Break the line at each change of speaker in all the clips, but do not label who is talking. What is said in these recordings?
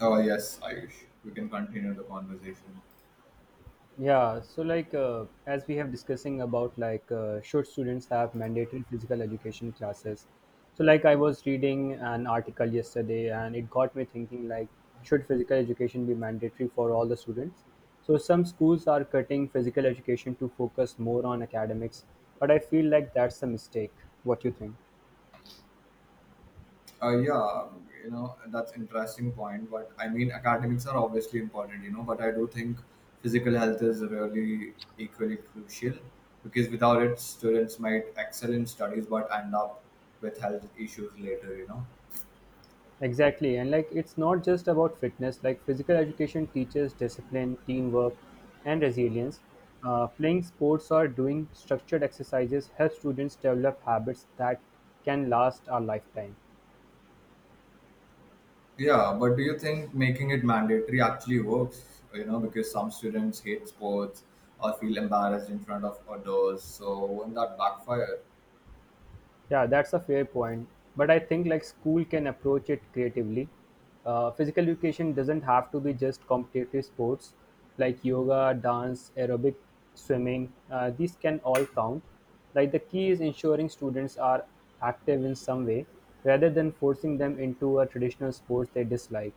Oh yes, Ayush, we can continue the conversation.
Yeah, so like as we have discussing about like should students have mandatory physical education classes? So like I was reading an article yesterday and it got me thinking like should physical education be mandatory for all the students? So some schools are cutting physical education to focus more on academics, but I feel like that's a mistake. What you think?
Yeah, that's interesting point. But I mean, academics are obviously important, But I do think physical health is really equally crucial because without it, students might excel in studies but end up with health issues later, you know
Exactly. And like it's not just about fitness, like physical education teaches discipline, teamwork, and resilience. Playing sports or doing structured exercises help students develop habits that can last a lifetime.
Yeah, but do you think making it mandatory actually works? You know, because some students hate sports or feel embarrassed in front of others. So won't that backfire?
Yeah, that's a fair point. But I think like school can approach it creatively. Physical education doesn't have to be just competitive sports like yoga, dance, aerobic, swimming. These can all count. Like the key is ensuring students are active in some way rather than forcing them into a traditional sports they dislike.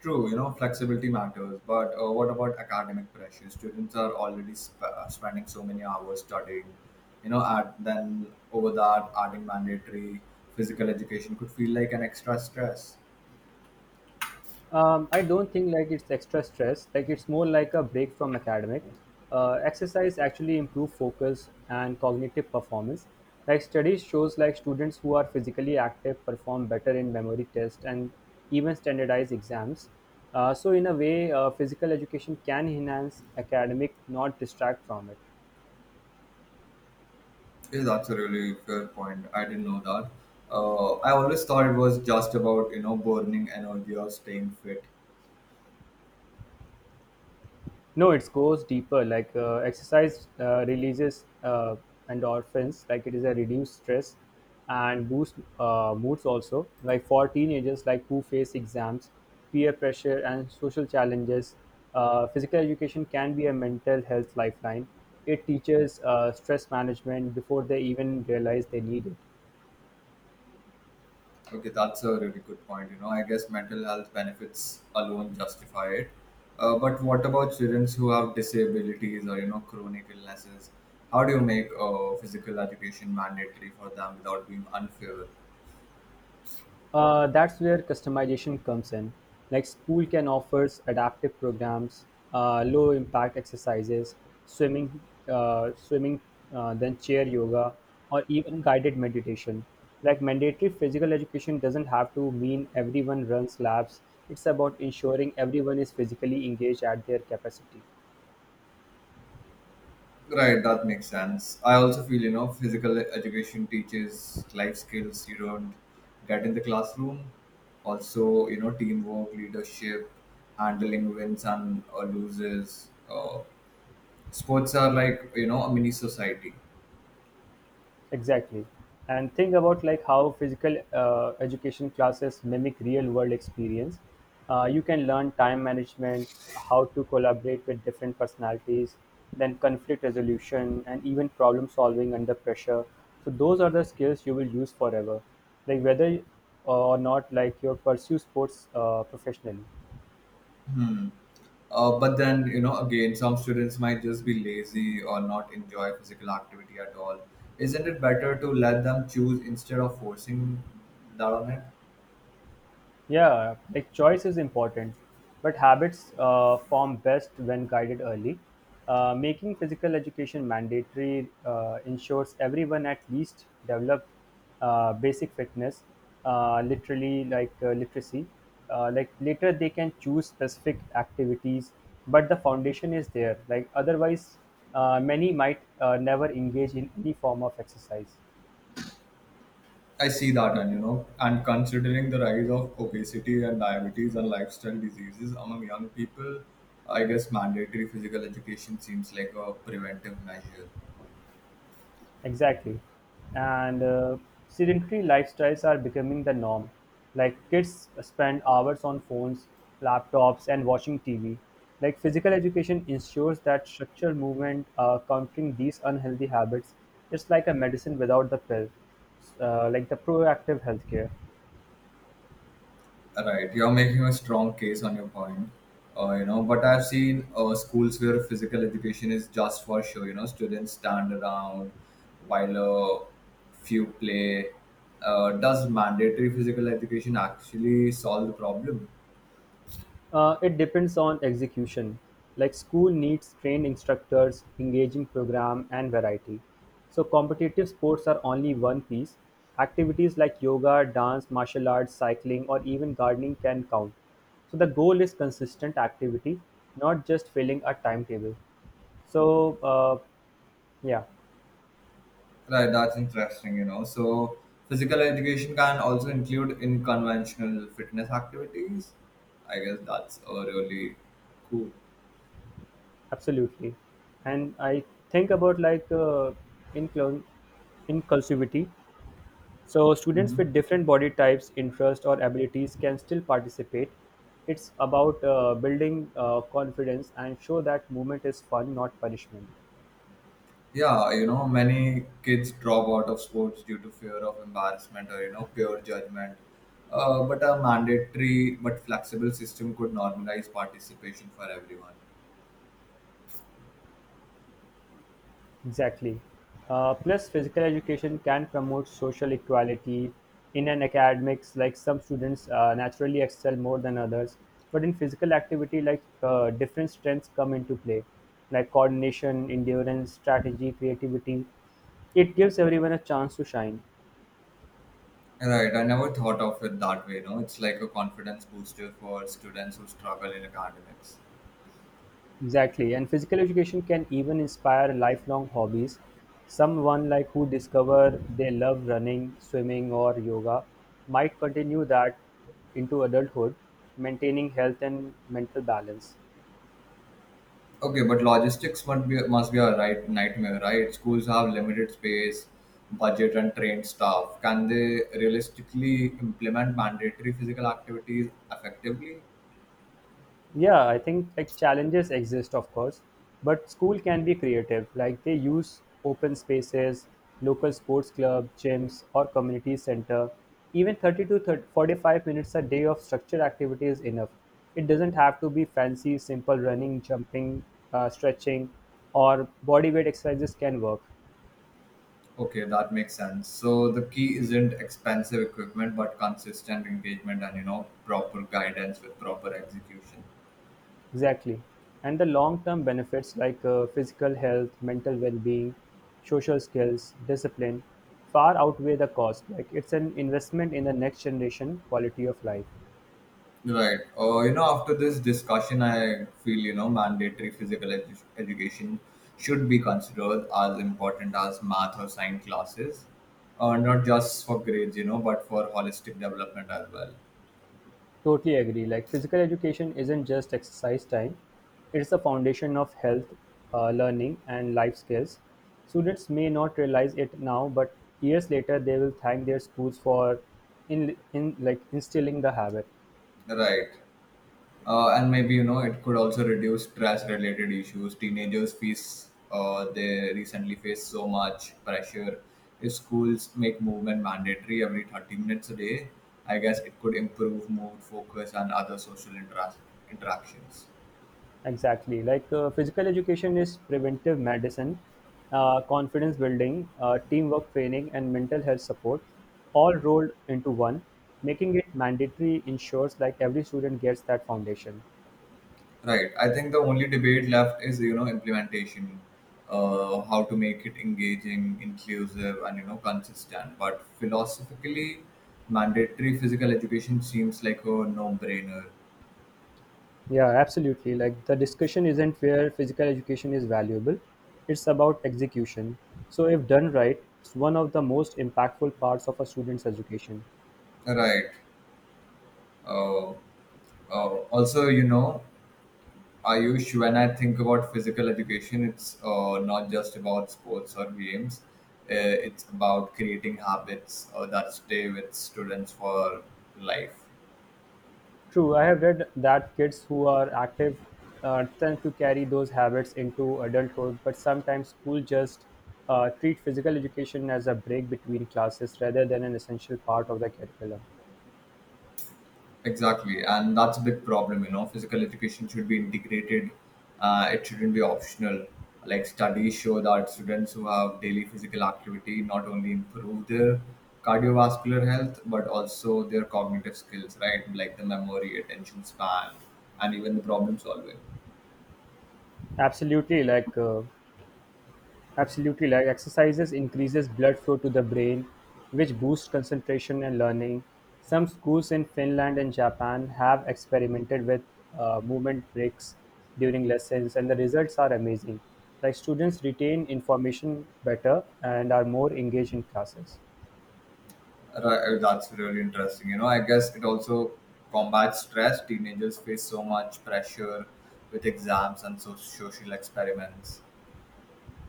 True, you know, flexibility matters, but what about academic pressure? Students are already spending so many hours studying, you know, at, then over that, adding mandatory physical education could feel like an extra stress.
I don't think like it's extra stress. Like it's more like a break from academic. Exercise actually improve focus and cognitive performance. Like studies shows like students who are physically active perform better in memory tests and even standardized exams. So in a way, physical education can enhance academic, not distract from it.
Yeah, that's a really fair point. I didn't know that. I always thought it was just about, burning energy or staying fit.
No, it goes deeper. Like exercise releases endorphins, like it is a reduced stress and boost moods also. Like for teenagers, like who face exams, peer pressure, and social challenges, physical education can be a mental health lifeline. It teaches stress management before they even realize they need it.
Okay, that's a really good point. You know, I guess mental health benefits alone justify it. But what about children who have disabilities or, you know, chronic illnesses? How do you make physical education mandatory for them without being unfair?
That's where customization comes in. Like school can offer adaptive programs, low impact exercises, swimming, swimming, then chair yoga, or even guided meditation. Like mandatory physical education doesn't have to mean everyone runs laps. It's about ensuring everyone is physically engaged at their capacity.
Right, that makes sense. I also feel, you know, physical education teaches life skills you don't get in the classroom. Also, you know, teamwork, leadership, handling wins and loses. Sports are like a mini society.
Exactly. And think about like how physical education classes mimic real world experience. You can learn time management, how to collaborate with different personalities, then conflict resolution, and even problem solving under pressure. So those are the skills you will use forever, like whether or not like you pursue sports professionally.
Mm. But then again, some students might just be lazy or not enjoy physical activity at all. Isn't it better to let them choose instead of forcing that on it?
Yeah, like choice is important, but habits form best when guided early. Making physical education mandatory ensures everyone at least develop basic fitness, literally like literacy. Like later they can choose specific activities, but the foundation is there. Like otherwise, many might never engage in any form of exercise.
I see that, and you know, and considering the rise of obesity and diabetes and lifestyle diseases among young people, I guess mandatory physical education seems like a preventive measure.
Exactly. And sedentary lifestyles are becoming the norm. Like kids spend hours on phones, laptops, and watching TV. Like physical education ensures that structured movement, countering these unhealthy habits, it's like a medicine without the pill, like the proactive healthcare.
Right, you're making a strong case on your point, But I've seen schools where physical education is just for show. You know, students stand around while a few play. Does mandatory physical education actually solve the problem?
It depends on execution. Like school needs trained instructors, engaging program, and variety. So competitive sports are only one piece. Activities like yoga, dance, martial arts, cycling, or even gardening can count. So the goal is consistent activity, not just filling a timetable. So yeah,
Right, that's interesting. You know, so physical education can also include in conventional fitness activities. I guess that's really cool.
absolutely. And I think about like inclin- inclusivity. So students
Mm-hmm.
with different body types, interests, or abilities can still participate. It's about building confidence and show that movement is fun, not punishment.
Yeah, you know, many kids drop out of sports due to fear of embarrassment or, pure judgment. But a mandatory but flexible system could normalize participation for everyone.
Exactly. Plus, physical education can promote social equality in an academics. Like some students naturally excel more than others, but in physical activity, like different strengths come into play, like coordination, endurance, strategy, creativity. It gives everyone a chance to shine.
Right, I never thought of it that way, It's like a confidence booster for students who struggle in academics.
Exactly, and physical education can even inspire lifelong hobbies. Someone like who discover they love running, swimming, or yoga might continue that into adulthood, maintaining health and mental balance.
Okay, but logistics must be a right nightmare, right? Schools have limited space, budget, and trained staff. Can they realistically implement mandatory physical activities effectively?
Yeah, I think like challenges exist, of course, but school can be creative. Like they use open spaces, local sports club, gyms, or community center. Even 30 to 30-45 minutes a day of structured activity is enough. It doesn't have to be fancy, simple running, jumping, stretching, or body weight exercises can work.
Okay, that makes sense. So the key isn't expensive equipment, but consistent engagement, and proper guidance with proper execution.
Exactly. And the long-term benefits like physical health, mental well-being, social skills, discipline far outweigh the cost. Like it's an investment in the next generation quality of life.
Right. After this discussion, I feel mandatory physical education should be considered as important as math or science classes, not just for grades, but for holistic development as well.
Totally agree. Like physical education isn't just exercise time, it's the foundation of health, learning, and life skills. Students may not realize it now, but years later they will thank their schools for in like instilling the habit.
Right. And maybe, it could also reduce trash related issues teenagers face. They recently face so much pressure. If schools make movement mandatory every 30 minutes a day, I guess it could improve mood, focus, and other social interactions.
Exactly. Like physical education is preventive medicine, confidence building, teamwork training, and mental health support, all rolled into one. Making it mandatory ensures like every student gets that foundation.
Right, I think the only debate left is, implementation. How to make it engaging, inclusive, and consistent. But philosophically, mandatory physical education seems like a no-brainer.
Yeah, absolutely. Like the discussion isn't where physical education is valuable; it's about execution. So, if done right, it's one of the most impactful parts of a student's education.
Right. Uh, Also, you know, Ayush, when I think about physical education, it's not just about sports or games. Uh, it's about creating habits that stay with students for life.
True, I have read that kids who are active tend to carry those habits into adulthood, but sometimes school just treat physical education as a break between classes rather than an essential part of the curriculum.
Exactly, and that's a big problem. You know, physical education should be integrated. It shouldn't be optional. Like studies show that students who have daily physical activity not only improve their cardiovascular health but also their cognitive skills, right? Like the memory, attention span, and even the problem solving.
Absolutely, like uh, Absolutely, like exercises increases blood flow to the brain, which boosts concentration and learning. Some schools in Finland and Japan have experimented with movement breaks during lessons, and the results are amazing. Like students retain information better and are more engaged in classes.
Right, that's really interesting. You know, I guess it also combats stress. Teenagers face so much pressure with exams and so social experiments.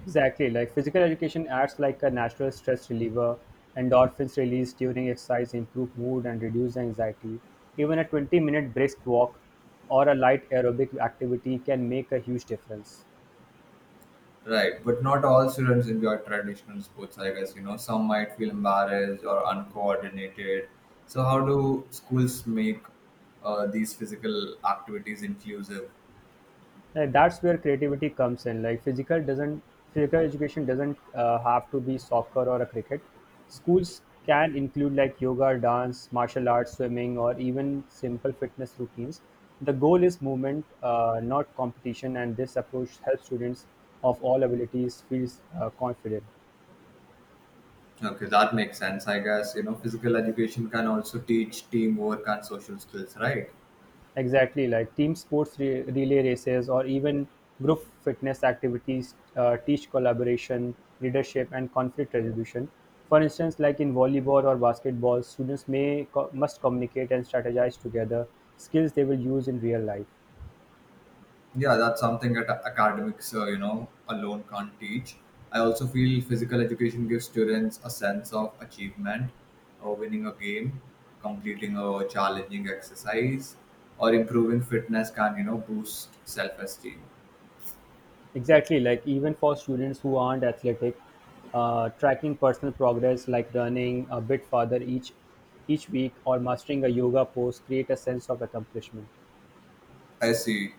Exactly, like physical education acts like a natural stress reliever. Endorphins released during exercise improve mood and reduce anxiety. Even a 20-minute minute brisk walk or a light aerobic activity can make a huge difference.
Right, but not all students enjoy traditional sports, I guess. You know, some might feel embarrassed or uncoordinated. So how do schools make these physical activities inclusive?
Like, that's where creativity comes in. Like physical education doesn't have to be soccer or a cricket. Schools can include like yoga, dance, martial arts, swimming, or even simple fitness routines. The goal is movement, not competition, and this approach helps students of all abilities feel confident.
Okay, that makes sense, I guess. You know, physical education can also teach teamwork and social skills, right?
Exactly, like team sports relay races or even group fitness activities teach collaboration, leadership, and conflict resolution. For instance, like in volleyball or basketball, students may must communicate and strategize together, skills they will use in real life.
Yeah, that's something that academics, alone can't teach. I also feel physical education gives students a sense of achievement, or winning a game, completing a challenging exercise, or improving fitness can, boost self-esteem.
Exactly, like even for students who aren't athletic, tracking personal progress like running a bit farther each week or mastering a yoga pose create a sense of accomplishment.
I see.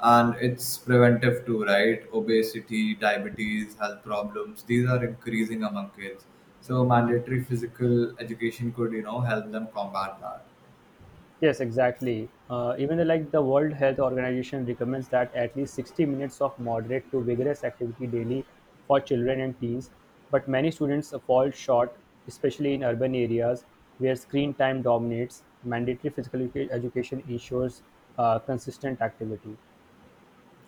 And it's preventive too, right? Obesity, diabetes, health problems, these are increasing among kids. So mandatory physical education could, help them combat that.
Yes, exactly. Even the, like the World Health Organization recommends that at least 60 minutes of moderate to vigorous activity daily for children and teens, but many students fall short, especially in urban areas where screen time dominates. Mandatory physical education ensures consistent activity.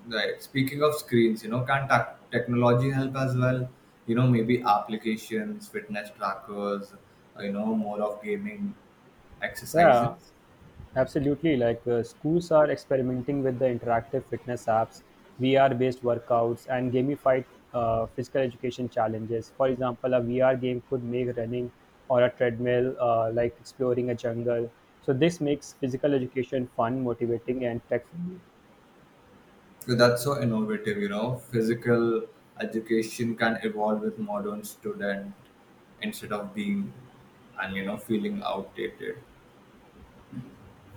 Right. Speaking of screens, you know, can technology help as well? You know, maybe applications, fitness trackers, more of gaming exercises.
Yeah, absolutely. Like schools are experimenting with the interactive fitness apps, VR based workouts, and gamified physical education challenges. For example, a VR game could make running or a treadmill like exploring a jungle. So, this makes physical education fun, motivating, and tech friendly.
So that's so innovative, Physical education can evolve with modern student instead of being and feeling outdated.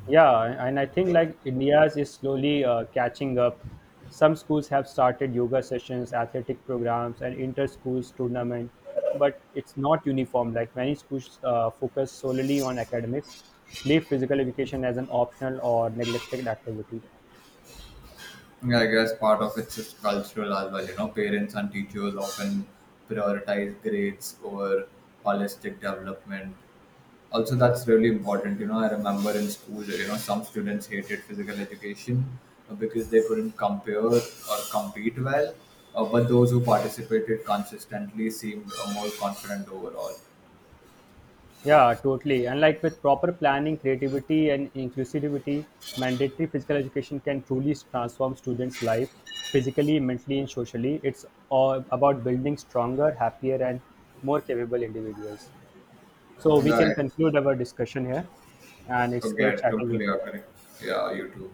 Yeah, and I think like India's is slowly catching up. Some schools have started yoga sessions, athletic programs, and inter-schools tournament, but it's not uniform. Like many schools focus solely on academics, leave physical education as an optional or neglected activity.
Yeah, I guess part of it's just cultural as well. You know, parents and teachers often prioritize grades over holistic development. Also, that's really important. You know, I remember in school, some students hated physical education because they couldn't compare or compete well. But those who participated consistently seemed more confident overall.
Yeah, totally. And like with proper planning, creativity, and inclusivity, mandatory physical education can truly transform students' life physically, mentally, and socially. It's all about building stronger, happier, and more capable individuals. So we can
Right.
conclude our discussion here, and it's
Okay, I
great chatting with
totally
you.
agree. Yeah, you too.